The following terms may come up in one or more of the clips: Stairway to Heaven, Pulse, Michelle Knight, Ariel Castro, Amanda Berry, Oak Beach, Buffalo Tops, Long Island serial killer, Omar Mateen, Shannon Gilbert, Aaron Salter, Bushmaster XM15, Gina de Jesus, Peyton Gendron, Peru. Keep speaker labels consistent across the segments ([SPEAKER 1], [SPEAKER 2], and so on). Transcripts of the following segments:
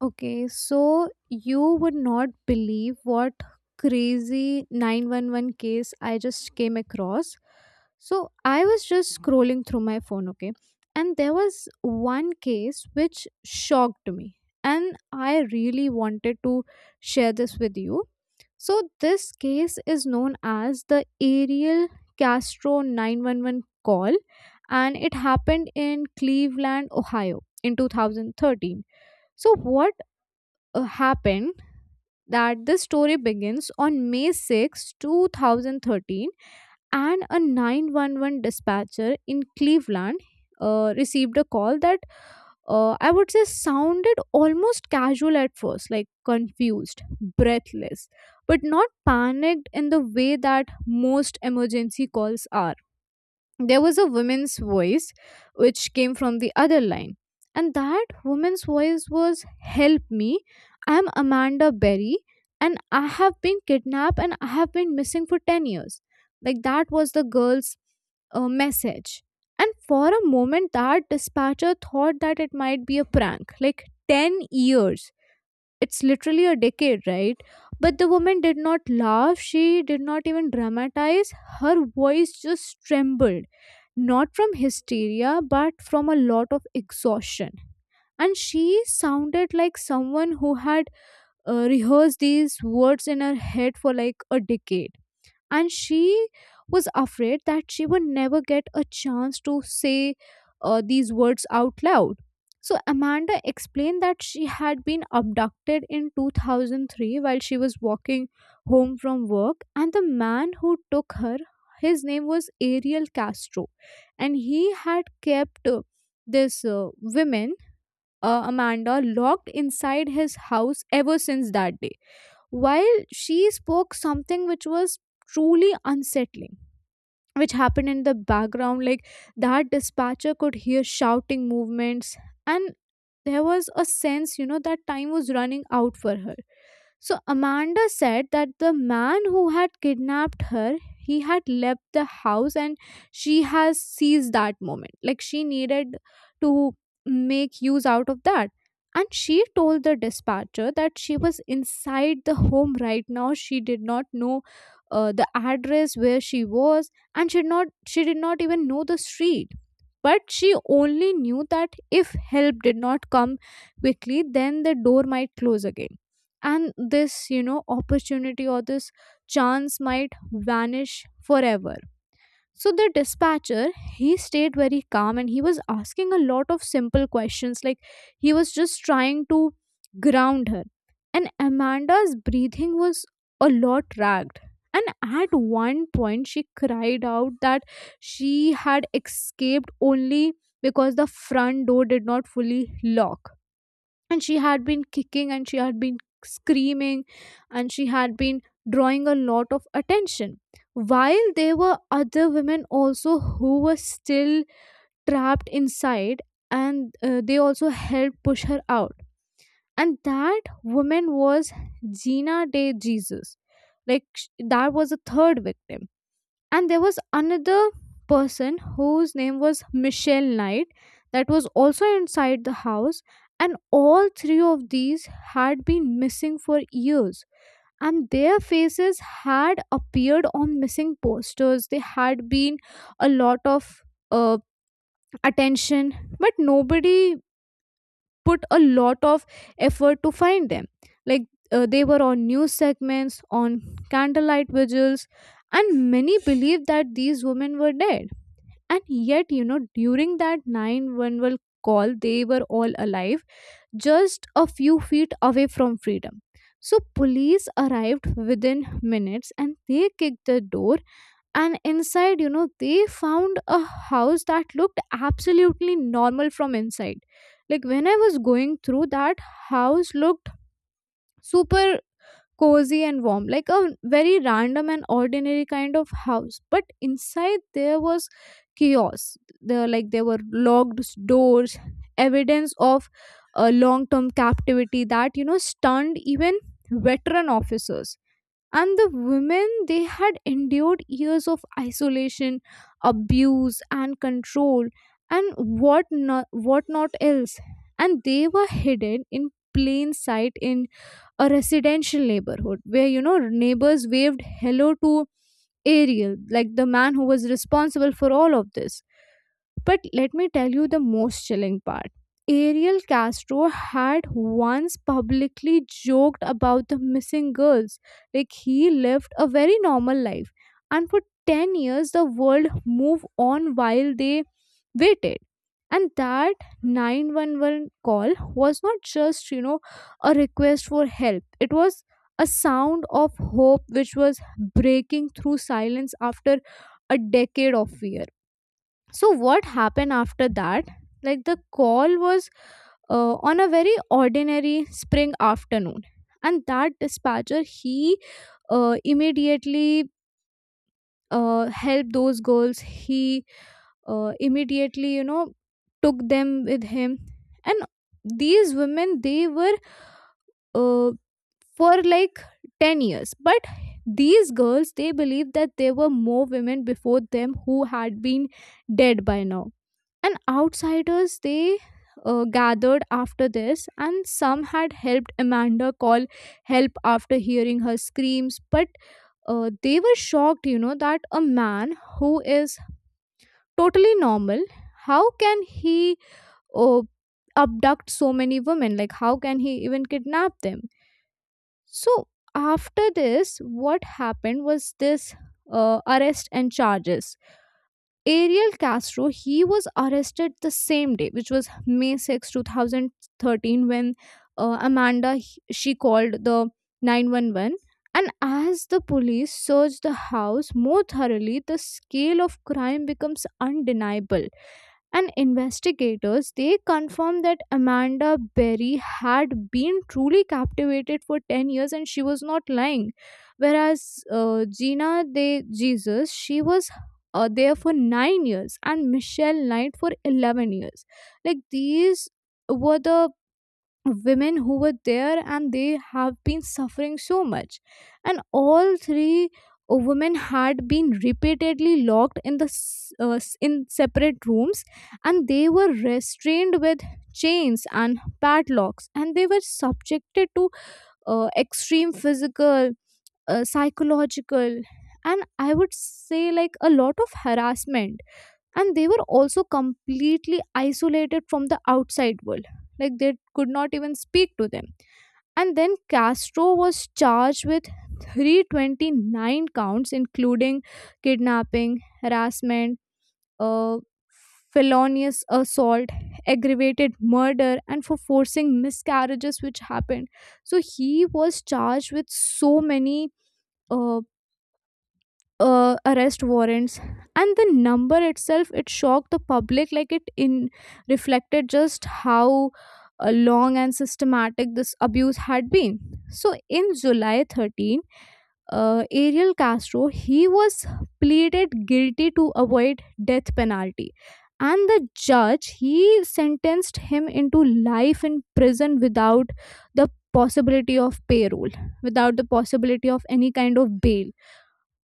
[SPEAKER 1] Okay, so you would not believe what crazy 911 case I just came across. So I was just scrolling through my phone, okay, and there was one case which shocked me, and I really wanted to share this with you. So this case is known as the Ariel Castro 911 call, and it happened in Cleveland, Ohio in 2013. So what happened that the story begins on May 6, 2013, and a 911 dispatcher in Cleveland received a call that, I would say, sounded almost casual at first, like confused, breathless, but not panicked in the way that most emergency calls are. There was a woman's voice which came from the other line. And that woman's voice was, "Help me. I'm Amanda Berry and I have been kidnapped and I have been missing for 10 years." Like that was the girl's message. And for a moment, that dispatcher thought that it might be a prank. Like, 10 years. It's literally a decade, right? But the woman did not laugh. She did not even dramatize. Her voice just trembled, not from hysteria but from a lot of exhaustion, and she sounded like someone who had rehearsed these words in her head for like a decade, and she was afraid that she would never get a chance to say these words out loud. So Amanda explained that she had been abducted in 2003 while she was walking home from work, and the man who took her, his name was Ariel Castro, and he had kept this woman, Amanda, locked inside his house ever since that day. While she spoke, something which was truly unsettling, which happened in the background, like, that dispatcher could hear shouting movements, and there was a sense, you know, that time was running out for her. So Amanda said that the man who had kidnapped her, he had left the house, and she has seized that moment. Like, she needed to make use out of that. And she told the dispatcher that she was inside the home right now. She did not know the address where she was, and she did not even know the street. But she only knew that if help did not come quickly, then the door might close again, and this, you know, opportunity or this chance might vanish forever. So the dispatcher, he stayed very calm, and he was asking a lot of simple questions. Like, he was just trying to ground her. And Amanda's breathing was a lot ragged, and at one point she cried out that she had escaped only because the front door did not fully lock, and she had been kicking, and she had been screaming, and she had been drawing a lot of attention. While there were other women also who were still trapped inside, and they also helped push her out. And that woman was Gina de Jesus. That was the third victim. And there was another person whose name was Michelle Knight that was also inside the house. And all three of these had been missing for years, and their faces had appeared on missing posters. They had been a lot of uh, attention, but nobody put a lot of effort to find them. Like, they were on news segments, on candlelight vigils, and many believed that these women were dead. And yet, you know, during that 911 call, they were all alive, just a few feet away from freedom. So police arrived within minutes, and they kicked the door, and inside, you know, they found a house that looked absolutely normal from inside. Like, when I was going through that, house looked super cozy and warm, like a very random and ordinary kind of house. But inside there was chaos. Like there were locked doors, evidence of a long-term captivity that, you know, stunned even veteran officers. And the women, they had endured years of isolation, abuse, and control, and what not else. And they were hidden in plain sight in a residential neighborhood where, you know, neighbors waved hello to Ariel, like the man who was responsible for all of this. But let me tell you the most chilling part. Ariel Castro had once publicly joked about the missing girls. Like, he lived a very normal life. And for 10 years, the world moved on while they waited. And that 911 call was not just, you know, a request for help. It was a sound of hope which was breaking through silence after a decade of fear. So, what happened after that? Like, the call was on a very ordinary spring afternoon. And that dispatcher, he immediately helped those girls. He immediately, you know, took them with him. And these women, they were uh, for like 10 years, but these girls, they believe that there were more women before them who had been dead by now. And outsiders, they gathered after this, and some had helped Amanda call help after hearing her screams. But they were shocked, you know, that a man who is totally normal, how can he uh, abduct so many women? Like, how can he even kidnap them? So after this, what happened was this arrest and charges. Ariel Castro, he was arrested the same day, which was May 6, 2013, when, she called the 911. And as the police searched the house more thoroughly, the scale of crime becomes undeniable, and investigators, they confirmed that Amanda Berry had been truly captivated for 10 years and she was not lying, whereas Gina de Jesus, she was there for 9 years and Michelle Knight for 11 years. Like, these were the women who were there, and they have been suffering so much. And all three women had been repeatedly locked in in separate rooms, and they were restrained with chains and padlocks, and they were subjected to extreme physical, psychological, and I would say like a lot of harassment. And they were also completely isolated from the outside world. Like, they could not even speak to them. And then Castro was charged with 329 counts, including kidnapping, harassment, uh, felonious assault, aggravated murder, and for forcing miscarriages which happened. So he was charged with so many uh, arrest warrants. And the number itself, it shocked the public. Like, it in reflected just how long and systematic this abuse had been. So in July 13, Ariel Castro, he was pleaded guilty to avoid death penalty. And the judge, he sentenced him into life in prison without the possibility of parole, without the possibility of any kind of bail,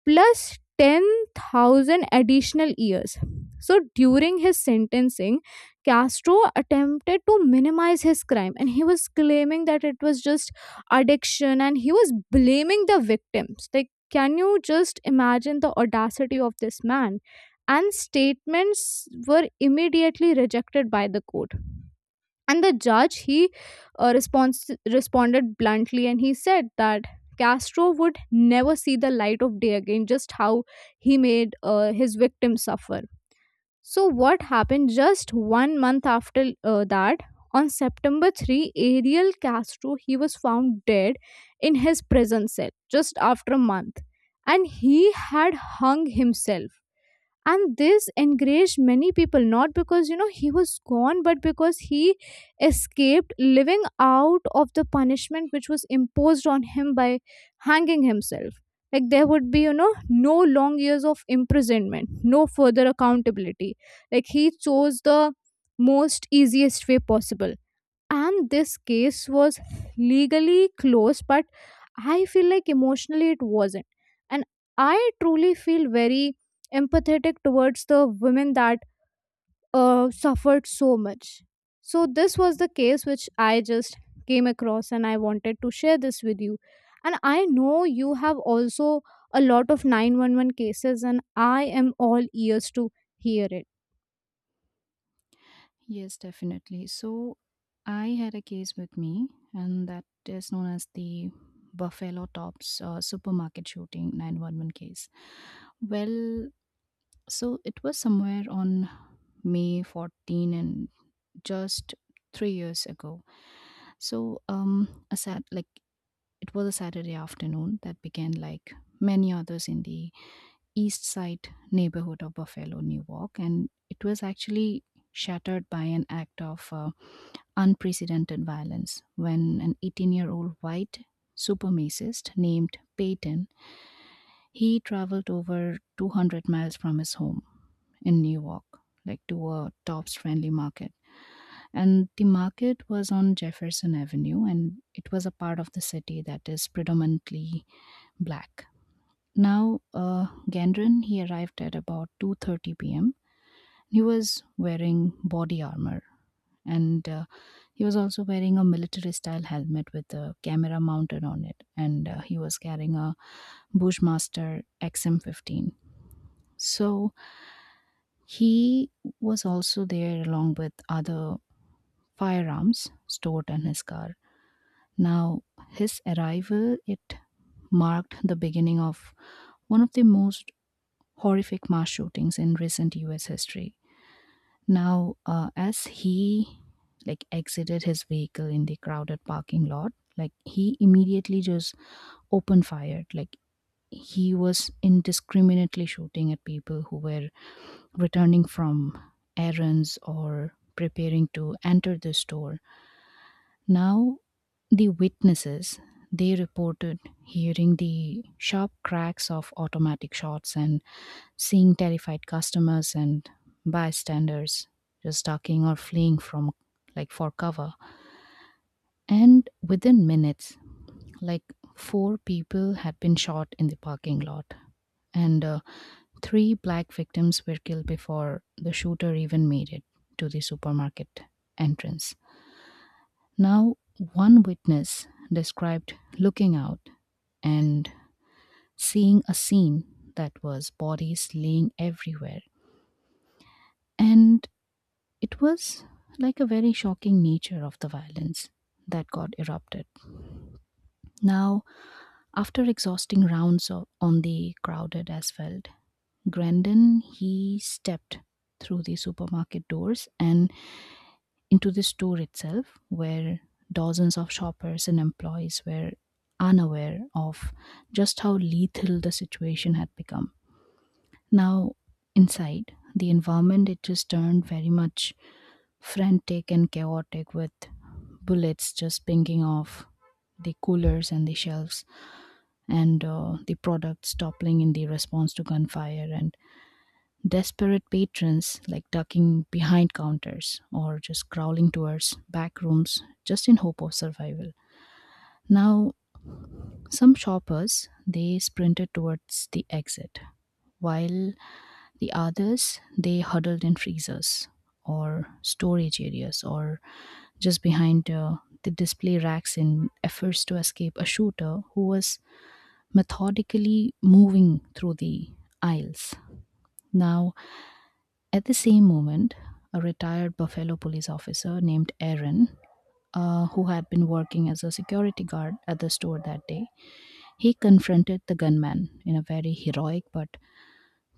[SPEAKER 1] plus 10,000 additional years. So during his sentencing, Castro attempted to minimize his crime and he was claiming that it was just addiction, and he was blaming the victims. Like, can you just imagine the audacity of this man? And statements were immediately rejected by the court. And the judge, he, responded bluntly, and he said that Castro would never see the light of day again, just how he made his victims suffer. So, what happened just 1 month after that? On September 3, Ariel Castro, he was found dead in his prison cell just after a month, and he had hung himself. And this encouraged many people, not because, you know, he was gone, but because he escaped living out of the punishment which was imposed on him by hanging himself. Like, there would be, you know, no long years of imprisonment, no further accountability. Like, he chose the most easiest way possible. And this case was legally close, but I feel like emotionally it wasn't. And I truly feel very empathetic towards the women that suffered so much. So this was the case which I just came across, and I wanted to share this with you. And I know you have also a lot of 911 cases, and I am all ears to hear it.
[SPEAKER 2] Yes, definitely. So I had a case with me, and that is known as the Buffalo Tops supermarket shooting 911 case. Well, so it was somewhere on May 14, and just 3 years ago. So a sad like it was a Saturday afternoon that began like many others in the East Side neighborhood of Buffalo, New York, and it was actually shattered by an act of unprecedented violence when an 18-year-old white supremacist named Peyton, he traveled over 200 miles from his home in New York, like, to a Tops Friendly Market. And the market was on Jefferson Avenue, and it was a part of the city that is predominantly black. Now, Gendron, he arrived at about 2:30 p.m. He was wearing body armor, and he was also wearing a military style helmet with a camera mounted on it, and he was carrying a bushmaster xm15, so he was also there along with other firearms stored in his car. Now, his arrival, it marked the beginning of one of the most horrific mass shootings in recent US history. Now, as he like exited his vehicle in the crowded parking lot, like he immediately just opened fire. Like, he was indiscriminately shooting at people who were returning from errands or preparing to enter the store. Now, the witnesses, they reported hearing the sharp cracks of automatic shots and seeing terrified customers and bystanders just talking or fleeing from, like, for cover. And within minutes, like, four people had been shot in the parking lot. And three black victims were killed before the shooter even made it to the supermarket entrance. Now, one witness described looking out and seeing a scene that was bodies laying everywhere. And it was like a very shocking nature of the violence that got erupted. Now, after exhausting rounds on the crowded asphalt, Grandin, he stepped through the supermarket doors and into the store itself, where dozens of shoppers and employees were unaware of just how lethal the situation had become. Now, inside, the environment, it just turned very much frantic and chaotic, with bullets just pinging off the coolers and the shelves, and the products toppling in the response to gunfire, and desperate patrons like ducking behind counters or just crawling towards back rooms just in hope of survival. Now, some shoppers, they sprinted towards the exit, while the others, they huddled in freezers or storage areas or just behind the display racks in efforts to escape a shooter who was methodically moving through the aisles. Now, at the same moment, a retired Buffalo police officer named Aaron, who had been working as a security guard at the store that day, he confronted the gunman in a very heroic but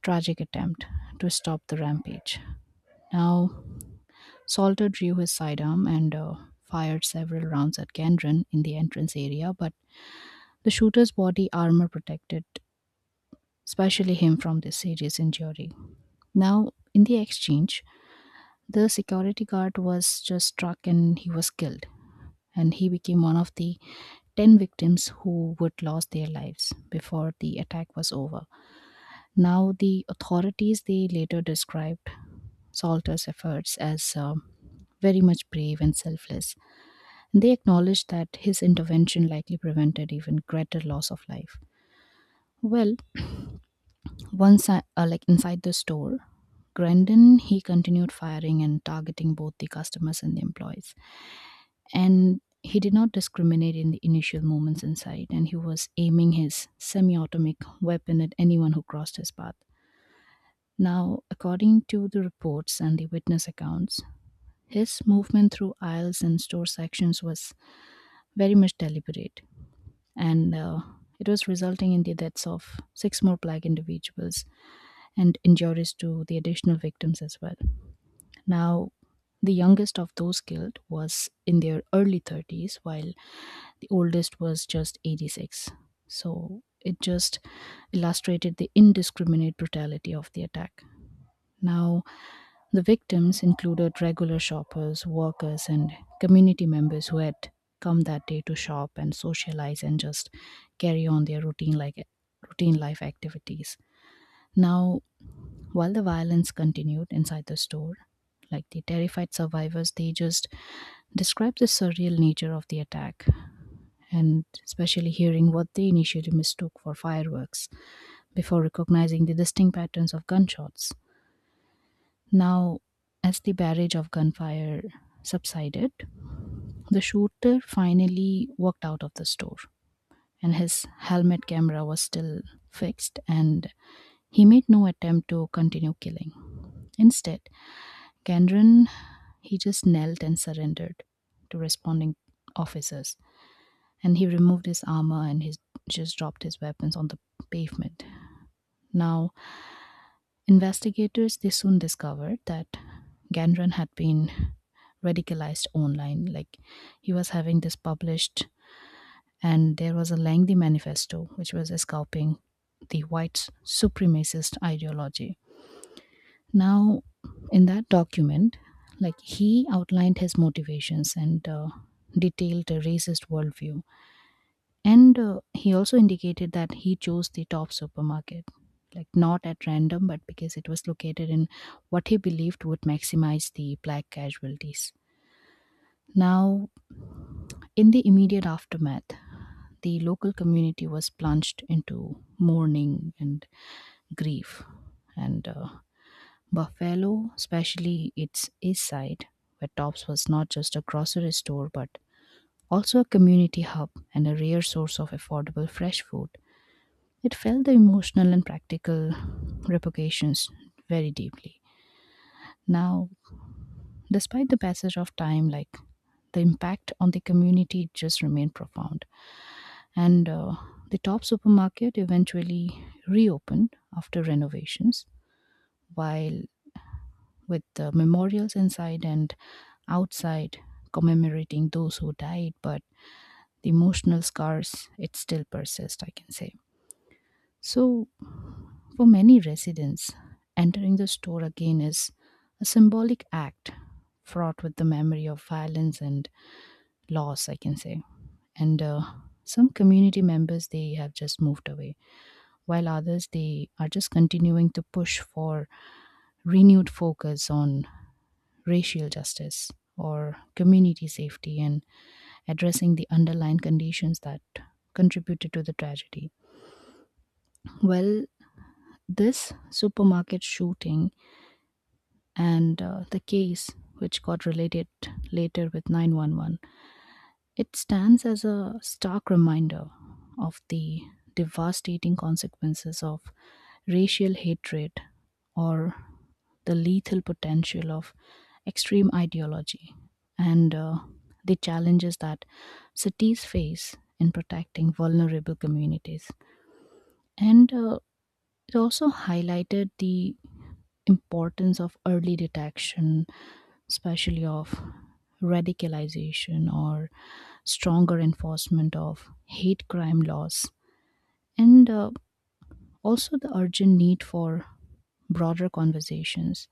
[SPEAKER 2] tragic attempt to stop the rampage. Now, Salter drew his sidearm and fired several rounds at Gendron in the entrance area, but the shooter's body armor protected especially him from this serious injury. Now, in the exchange, the security guard was just struck and he was killed, and he became one of the 10 victims who would lose their lives before the attack was over. Now, the authorities, they later described Salter's efforts as very much brave and selfless. They acknowledged that his intervention likely prevented even greater loss of life. Well, once I, like, inside the store, Grandin, he continued firing and targeting both the customers and the employees, and he did not discriminate in the initial moments inside, and he was aiming his semi-automatic weapon at anyone who crossed his path. Now, according to the reports and the witness accounts, his movement through aisles and store sections was very much deliberate, and it was resulting in the deaths of six more black individuals and injuries to the additional victims as well. Now, the youngest of those killed was in their early 30s, while the oldest was just 86. So it just illustrated the indiscriminate brutality of the attack. Now, the victims included regular shoppers, workers, and community members who had come that day to shop and socialize and just carry on their routine life activities. Now, while the violence continued inside the store, like the terrified survivors, they just described the surreal nature of the attack, and especially hearing what they initially mistook for fireworks before recognizing the distinct patterns of gunshots. Now, as the barrage of gunfire subsided, the shooter finally walked out of the store, and his helmet camera was still fixed, and he made no attempt to continue killing. Instead, Kendron, he just knelt and surrendered to responding officers, and he removed his armor and he just dropped his weapons on the pavement. Now, investigators, they soon discovered that Gandran had been radicalized online. Like, he was having this published, and there was a lengthy manifesto which was escaping the white supremacist ideology. Now, in that document, like he outlined his motivations, and detailed a racist worldview. And he also indicated that he chose the top supermarket, like, not at random, but because it was located in what he believed would maximize the black casualties. Now, in the immediate aftermath, the local community was plunged into mourning and grief. And Buffalo, especially its east side, where Tops was not just a grocery store but also a community hub and a rare source of affordable fresh food, it felt the emotional and practical repercussions very deeply. Now, despite the passage of time, like the impact on the community just remained profound. And the top supermarket eventually reopened after renovations, while with the memorials inside and outside commemorating those who died, but the emotional scars, it still persists, I can say. So, for many residents, entering the store again is a symbolic act fraught with the memory of violence and loss, I can say. And some community members, they have just moved away, while others, they are just continuing to push for renewed focus on racial justice or community safety, and addressing the underlying conditions that contributed to the tragedy. Well, this supermarket shooting and the case which got related later with 911, it stands as a stark reminder of the devastating consequences of racial hatred, or the lethal potential of extreme ideology, and the challenges that cities face in protecting vulnerable communities. And it also highlighted the importance of early detection, especially of radicalization, or stronger enforcement of hate crime laws, and also the urgent need for broader conversations,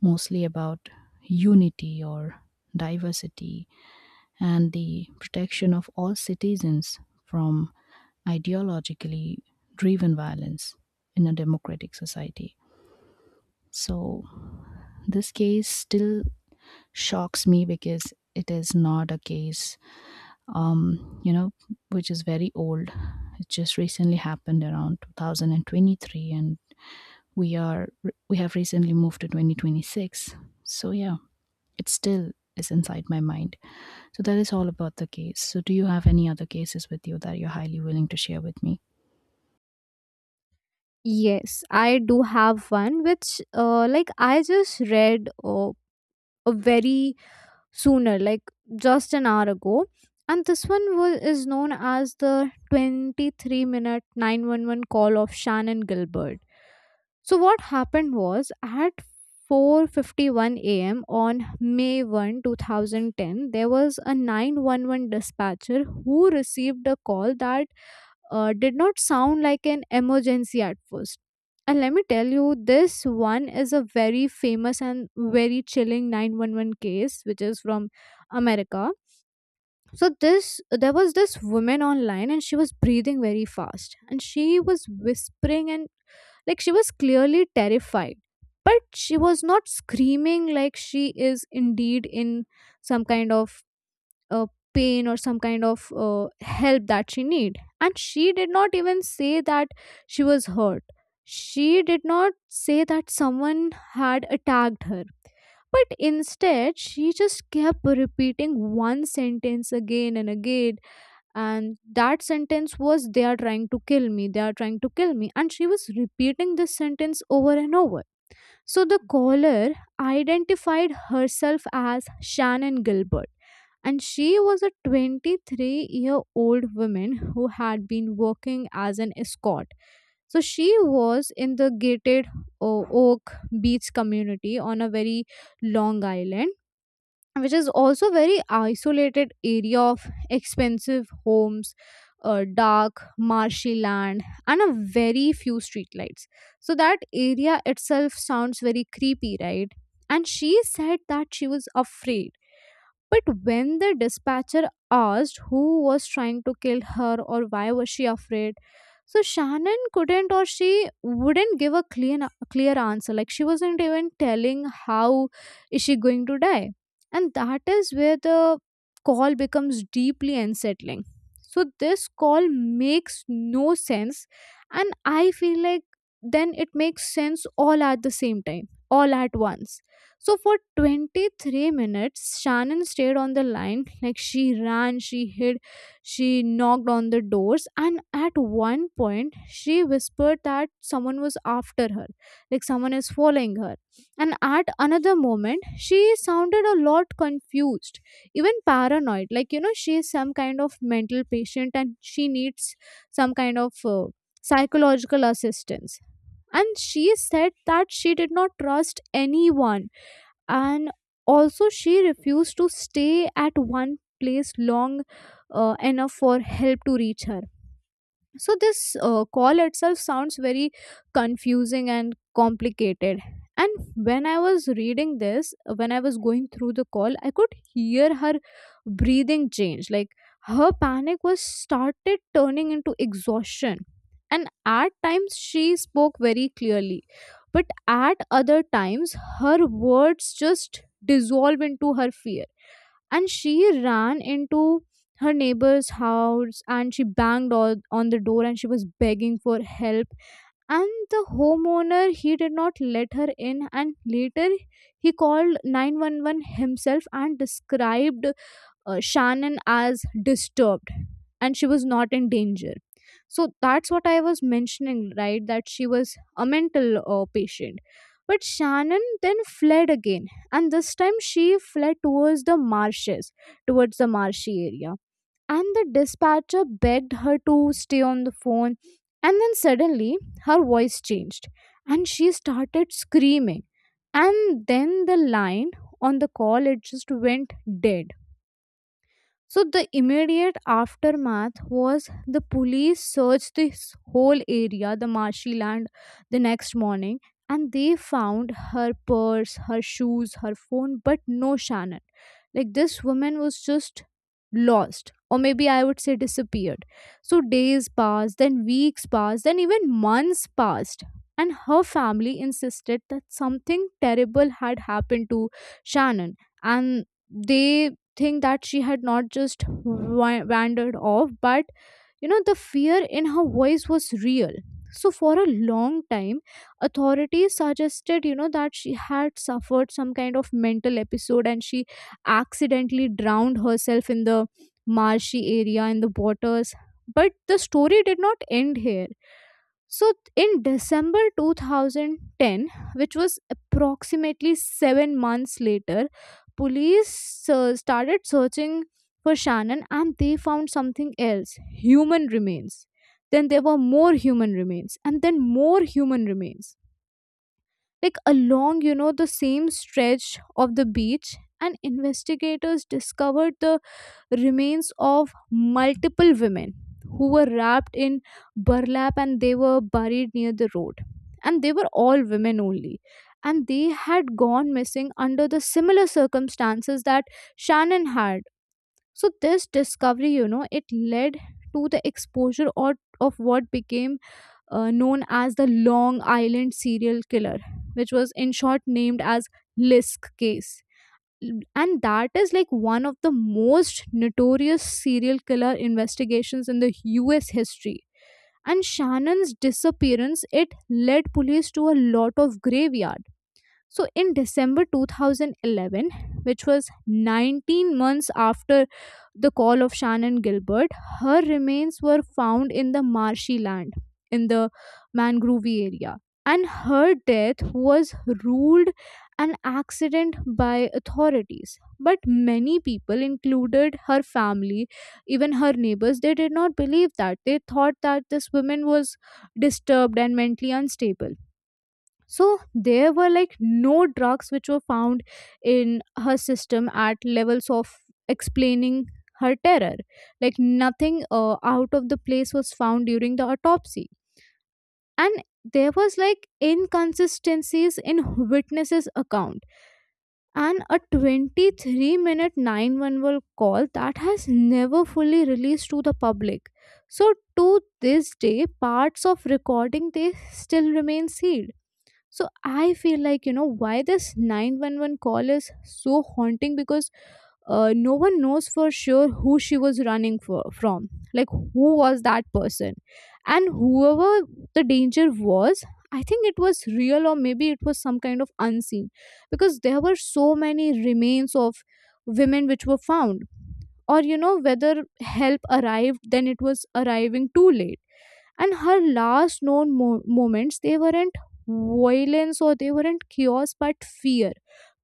[SPEAKER 2] mostly about unity or diversity and the protection of all citizens from ideologically driven violence in a democratic society. So, this case still shocks me because it is not a case um you know which is very old. It just recently happened around 2023, and we are we have recently moved to 2026. So yeah, it still is inside my mind. So that is all about the case. So do you have any other cases with you that you're highly willing to share with me?
[SPEAKER 1] Yes, I do have one, which, like, I just read. Very sooner, like just an hour ago. And this one is known as the 23 minute 911 call of Shannon Gilbert. So what happened was at 4:51 a.m. on May 1, 2010, there was a 911 dispatcher who received a call that did not sound like an emergency at first. And let me tell you, this one is a very famous and very chilling 911 case, which is from America. So this there was this woman online, and she was breathing very fast, and she was whispering, and like she was clearly terrified, but she was not screaming like she is indeed in some kind of uh, pain or some kind of help that she need, and she did not even say that she was hurt, she did not say that someone had attacked her, but instead she just kept repeating one sentence again and again. And that sentence was, they are trying to kill me, they are trying to kill me, and she was repeating this sentence over and over. So the caller identified herself as Shannon Gilbert, and she was a 23-year-old woman who had been working as an escort. So she was in the gated Oak Beach community on a very long island, which is also very isolated area of expensive homes, dark marshy land, and a very few streetlights. So that area itself sounds very creepy, right? And she said that she was afraid, but when the dispatcher asked who was trying to kill her or why was she afraid, so Shannon couldn't, or she wouldn't give a clear answer. Like she wasn't even telling how is she going to die, and that is where the call becomes deeply unsettling. So this call makes no sense, and I feel like then it makes sense all at the same time, all at once. So for 23 minutes, Shannon stayed on the line. Like she ran, she hid, she knocked on the doors, and at one point, she whispered that someone was after her, like someone is following her. And at another moment, she sounded a lot confused, even paranoid. Like, you know, she is some kind of mental patient and she needs some kind of psychological assistance. And she said that she did not trust anyone, and also she refused to stay at one place long enough for help to reach her. So this call itself sounds very confusing and complicated. And when I was reading this, when I was going through the call, I could hear her breathing change, like her panic was started turning into exhaustion. And at times she spoke very clearly, but at other times her words just dissolve into her fear. And she ran into her neighbor's house and she banged on the door and she was begging for help. And the homeowner, he did not let her in, and later he called 911 himself and described Shannon as disturbed and she was not in danger. So that's what I was mentioning, right? That she was a mental patient. But Shannon then fled again, and this time she fled towards the marshes, towards the marshy area. And the dispatcher begged her to stay on the phone. And then suddenly her voice changed and she started screaming. And then the line on the call it just went dead. So the immediate aftermath was the police searched this whole area, the marshy land, the next morning, and they found her purse, her shoes, her phone, but no Shannon. Like this woman was just lost, or maybe I would say disappeared. So days passed, then weeks passed, then even months passed. And her family insisted that something terrible had happened to Shannon. And they think that she had not just wandered off, but you know, the fear in her voice was real. So, for a long time, authorities suggested, you know, that she had suffered some kind of mental episode and she accidentally drowned herself in the marshy area, in the waters. But the story did not end here. So in December 2010, which was approximately 7 months later, police started searching for Shannon and they found something else, human remains. Then there were more human remains, and then more human remains. Like along, you know, the same stretch of the beach, and investigators discovered the remains of multiple women who were wrapped in burlap and they were buried near the road. And they were all women only. And they had gone missing under the similar circumstances that Shannon had. So, this discovery, you know, it led to the exposure or of what became known as the Long Island serial killer, which was in short named as Lisk case. And that is like one of the most notorious serial killer investigations in the US history. And Shannon's disappearance, it led police to a lot of graveyard. So in December 2011, which was 19 months after the call of Shannon Gilbert, her remains were found in the marshy land in the mangrove area. And her death was ruled an accident by authorities. But many people, included her family, even her neighbors, they did not believe that. They thought that this woman was disturbed and mentally unstable. So there were like no drugs which were found in her system at levels of explaining her terror. Like nothing out of the place was found during the autopsy. And there was like inconsistencies in witnesses account, and a 23 minute 911 call that has never fully released to the public. So to this day parts of recording they still remain sealed. So I feel like, you know, why this 911 call is so haunting because no one knows for sure who she was running for, from. Like, who was that person? And whoever the danger was, I think it was real, or maybe it was some kind of unseen, because there were so many remains of women which were found. Or, you know, whether help arrived, then it was arriving too late. And her last known moments, they weren't violence or they weren't chaos, but fear,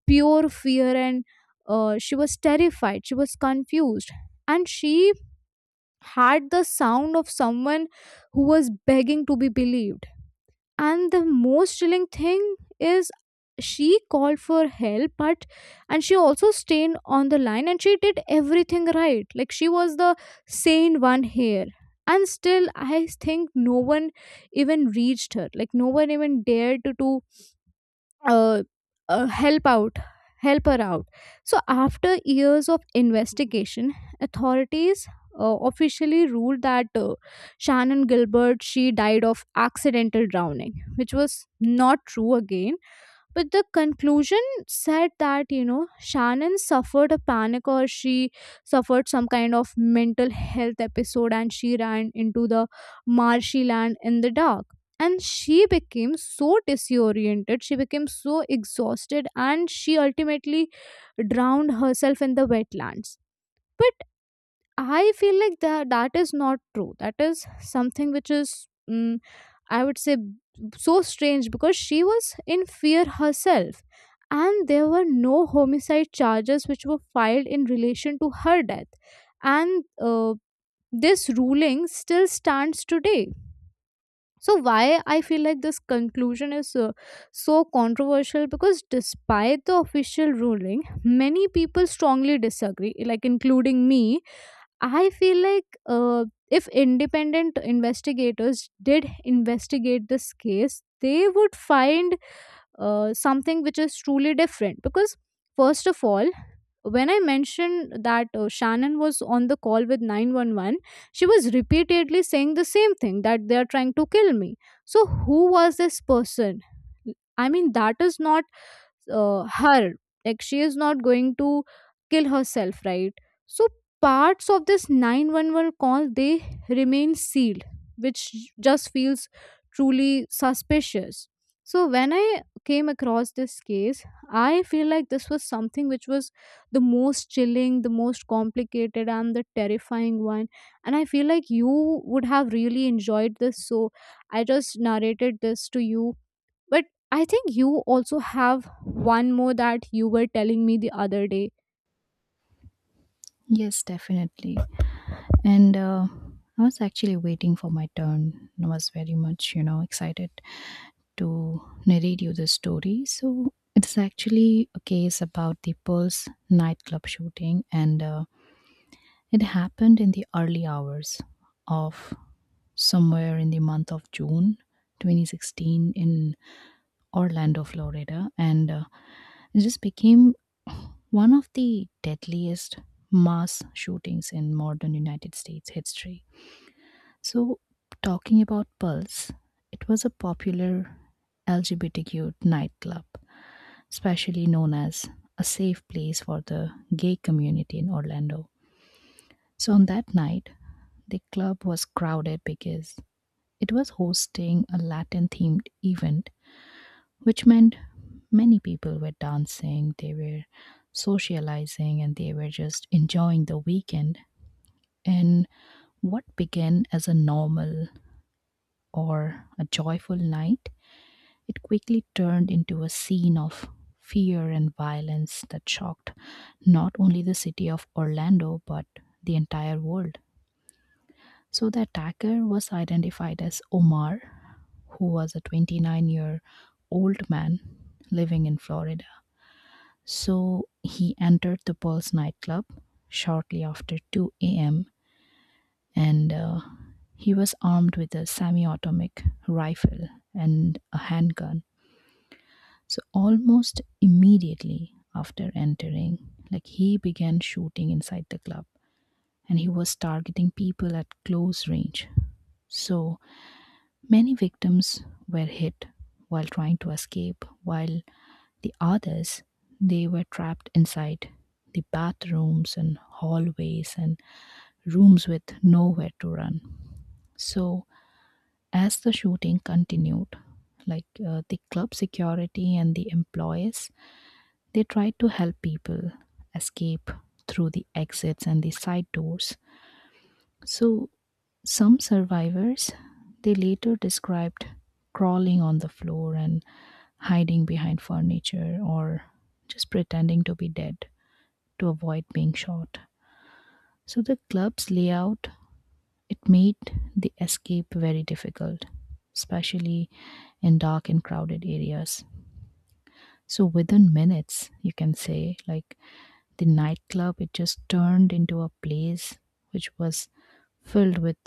[SPEAKER 1] pure fear. And she was terrified, she was confused, and she had the sound of someone who was begging to be believed. And the most chilling thing is, she called for help, but and she also stayed on the line, and she did everything right, like she was the sane one here. And still I think no one even reached her, like no one even dared to uh, help out, help her out. So after years of investigation, authorities officially ruled that Shannon Gilbert she died of accidental drowning, which was not true again. But the conclusion said that, you know, Shannon suffered a panic or she suffered some kind of mental health episode and she ran into the marshy land in the dark. And she became so disoriented, she became so exhausted, and she ultimately drowned herself in the wetlands. I feel like that is not true. That is something which is, I would say, so strange, because she was in fear herself, and there were no homicide charges which were filed in relation to her death. And this ruling still stands today. So why I feel like this conclusion is so controversial, because despite the official ruling, many people strongly disagree, like including me. I feel like if independent investigators did investigate this case, they would find something which is truly different. Because, first of all, when I mentioned that Shannon was on the call with 911, she was repeatedly saying the same thing, that they are trying to kill me. So, who was this person? I mean, that is not her, like she is not going to kill herself, right? So parts of this 911 call they remain sealed, which just feels truly suspicious. So when I came across this case, I feel like this was something which was the most chilling, the most complicated, and the terrifying one. And I feel like you would have really enjoyed this, so I just narrated this to you. But I think you also have one more that you were telling me the other day.
[SPEAKER 2] Yes, definitely. And I was actually waiting for my turn. I was very much, you know, excited to narrate you the story. So it's actually a case about the Pulse nightclub shooting, and it happened in the early hours of somewhere in the month of June 2016 in Orlando, Florida, and it just became one of the deadliest mass shootings in modern United States history. So, talking about Pulse, it was a popular LGBTQ nightclub specially known as a safe place for the gay community in Orlando. So on that night, the club was crowded because it was hosting a Latin themed event, which meant many people were dancing, they were socializing, and they were just enjoying the weekend. And what began as a normal or a joyful night, it quickly turned into a scene of fear and violence that shocked not only the city of Orlando but the entire world. So the attacker was identified as Omar, who was a 29-year-old man living in Florida. So he entered the Pulse nightclub shortly after 2 a.m., and he was armed with a semi automatic rifle and a handgun. So almost immediately after entering, like he began shooting inside the club, and he was targeting people at close range. So many victims were hit while trying to escape, while the others, they were trapped inside the bathrooms and hallways and rooms with nowhere to run. So as the shooting continued, like the club security and the employees, they tried to help people escape through the exits and the side doors. So some survivors, they later described crawling on the floor and hiding behind furniture or just pretending to be dead to avoid being shot. So the club's layout, it made the escape very difficult, especially in dark and crowded areas. So within minutes, you can say, like, the nightclub it just turned into a place which was filled with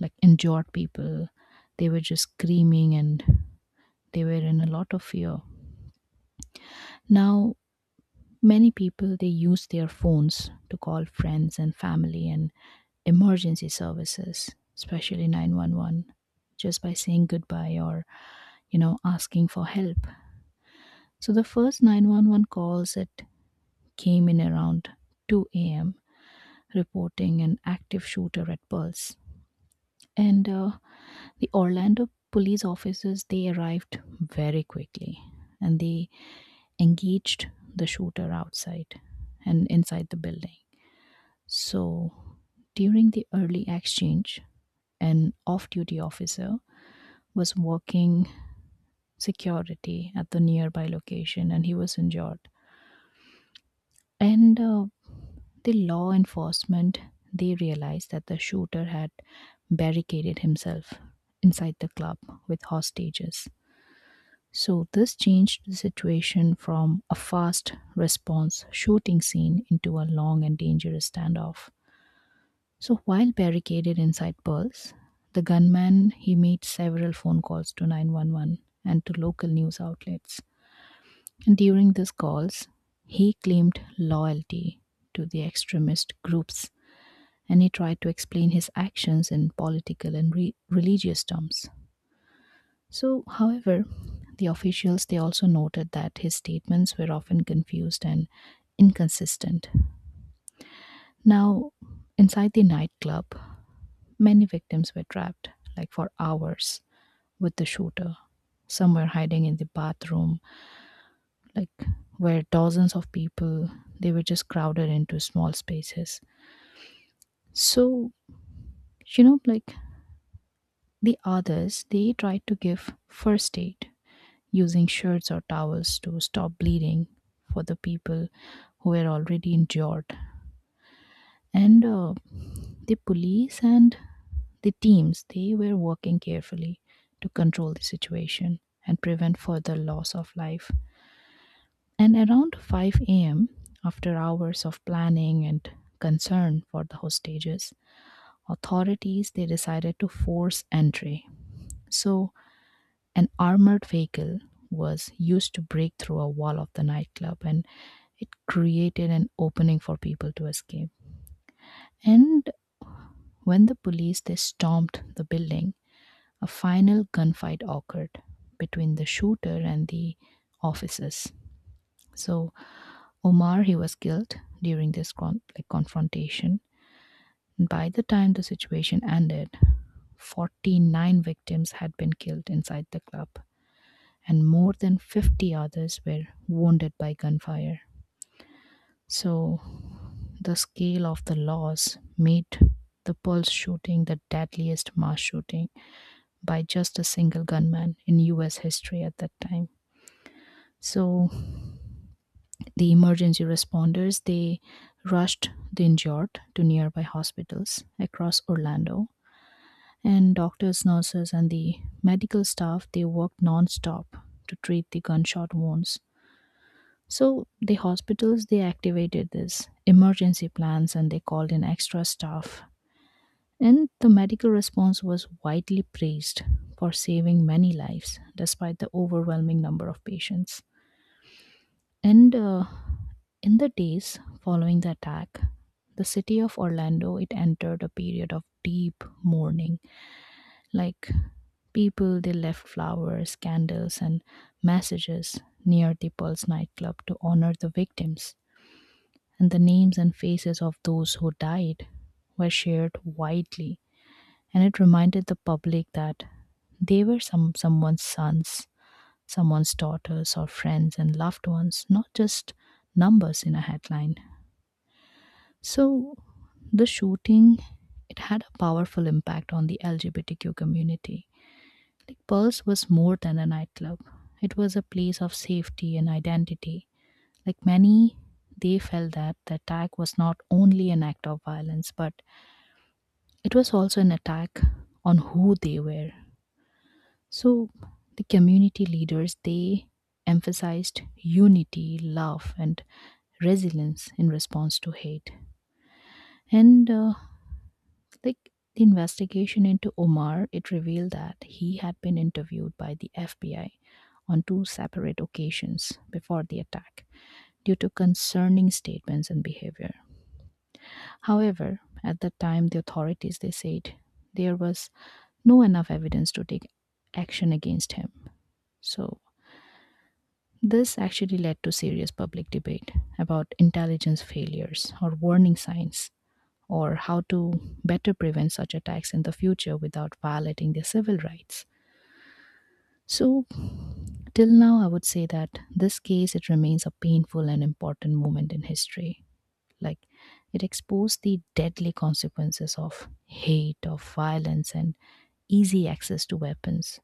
[SPEAKER 2] like injured people. They were just screaming and they were in a lot of fear. Now many people they use their phones to call friends and family and emergency services, especially 911, just by saying goodbye or asking for help. So the first 911 calls that came in around 2 a.m. reporting an active shooter at Pulse. And The Orlando police officers they arrived very quickly and they engaged the shooter outside and inside the building. So during the early exchange, an off duty officer was working security at the nearby location and he was injured. And The law enforcement, they realized that the shooter had barricaded himself inside the club with hostages. So this changed the situation from a fast response shooting scene into a long and dangerous standoff. So, while barricaded inside Pearls, the gunman he made several phone calls to 911 and to local news outlets, and during these calls, he claimed loyalty to the extremist groups and he tried to explain his actions in political and religious terms. So, however, the officials they also noted that his statements were often confused and inconsistent. Now, inside the nightclub, many victims were trapped like for hours with the shooter. Some were hiding in the bathroom, like where dozens of people they were just crowded into small spaces. So, like, the others they tried to give first aid using shirts or towels to stop bleeding for the people who were already injured. And the police and the teams they were working carefully to control the situation and prevent further loss of life. And around 5 a.m., after hours of planning and concern for the hostages, authorities they decided to force entry. So an armored vehicle was used to break through a wall of the nightclub and it created an opening for people to escape. And when the police they stormed the building, a final gunfight occurred between the shooter and the officers. So Omar, he was killed during this like confrontation. By the time the situation ended, 49 victims had been killed inside the club, and more than 50 others were wounded by gunfire. So the scale of the loss made the Pulse shooting the deadliest mass shooting by just a single gunman in US history at that time. So the emergency responders they rushed the injured to nearby hospitals across Orlando, and doctors, nurses, and the medical staff they worked non-stop to treat the gunshot wounds. So the hospitals they activated this emergency plans and they called in extra staff. And the medical response was widely praised for saving many lives despite the overwhelming number of patients. And In the days following the attack, the city of Orlando it entered a period of deep mourning. Like people they left flowers, candles and messages near the Pulse nightclub to honor the victims. And the names and faces of those who died were shared widely and it reminded the public that they were someone's sons, someone's daughters or friends and loved ones, not just numbers in a headline. So the shooting it had a powerful impact on the LGBTQ community. Like Pulse was more than a nightclub. It was a place of safety and identity. Like many, they felt that the attack was not only an act of violence, but it was also an attack on who they were. So the community leaders they emphasized unity, love, and resilience in response to hate. And Like the investigation into Omar, it revealed that he had been interviewed by the FBI on two separate occasions before the attack due to concerning statements and behavior. However, at the time the authorities they said there was no enough evidence to take action against him. So this actually led to serious public debate about intelligence failures or warning signs or how to better prevent such attacks in the future without violating their civil rights. So, till now, I would say that this case it remains a painful and important moment in history. Like it exposed the deadly consequences of hate, of violence, and easy access to weapons,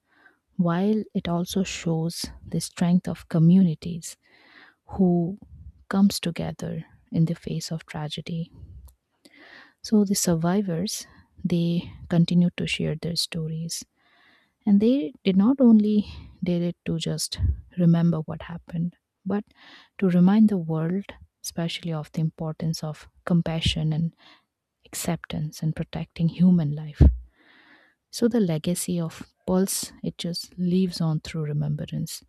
[SPEAKER 2] while it also shows the strength of communities who comes together in the face of tragedy. So the survivors, they continued to share their stories. And they did not only did it to just remember what happened, but to remind the world, especially of the importance of compassion and acceptance and protecting human life. So the legacy of Pulse, it just lives on through remembrance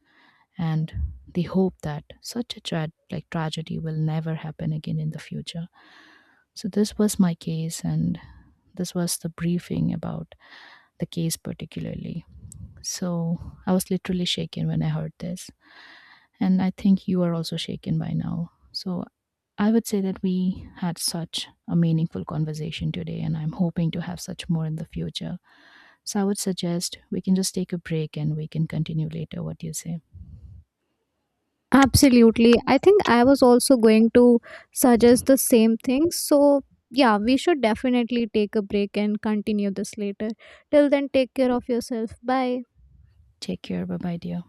[SPEAKER 2] and the hope that such a like tragedy will never happen again in the future. So this was my case, and this was the briefing about the case particularly. So I was literally shaken when I heard this, and I think you are also shaken by now. So I would say that we had such a meaningful conversation today, and I'm hoping to have such more in the future. So I would suggest we can just take a break and we can continue later. What do you say?
[SPEAKER 1] Absolutely. I think I was also going to suggest the same thing. So, yeah, we should definitely take a break and continue this later. Till then, take care of yourself. Bye.
[SPEAKER 2] Take care. Bye bye, dear.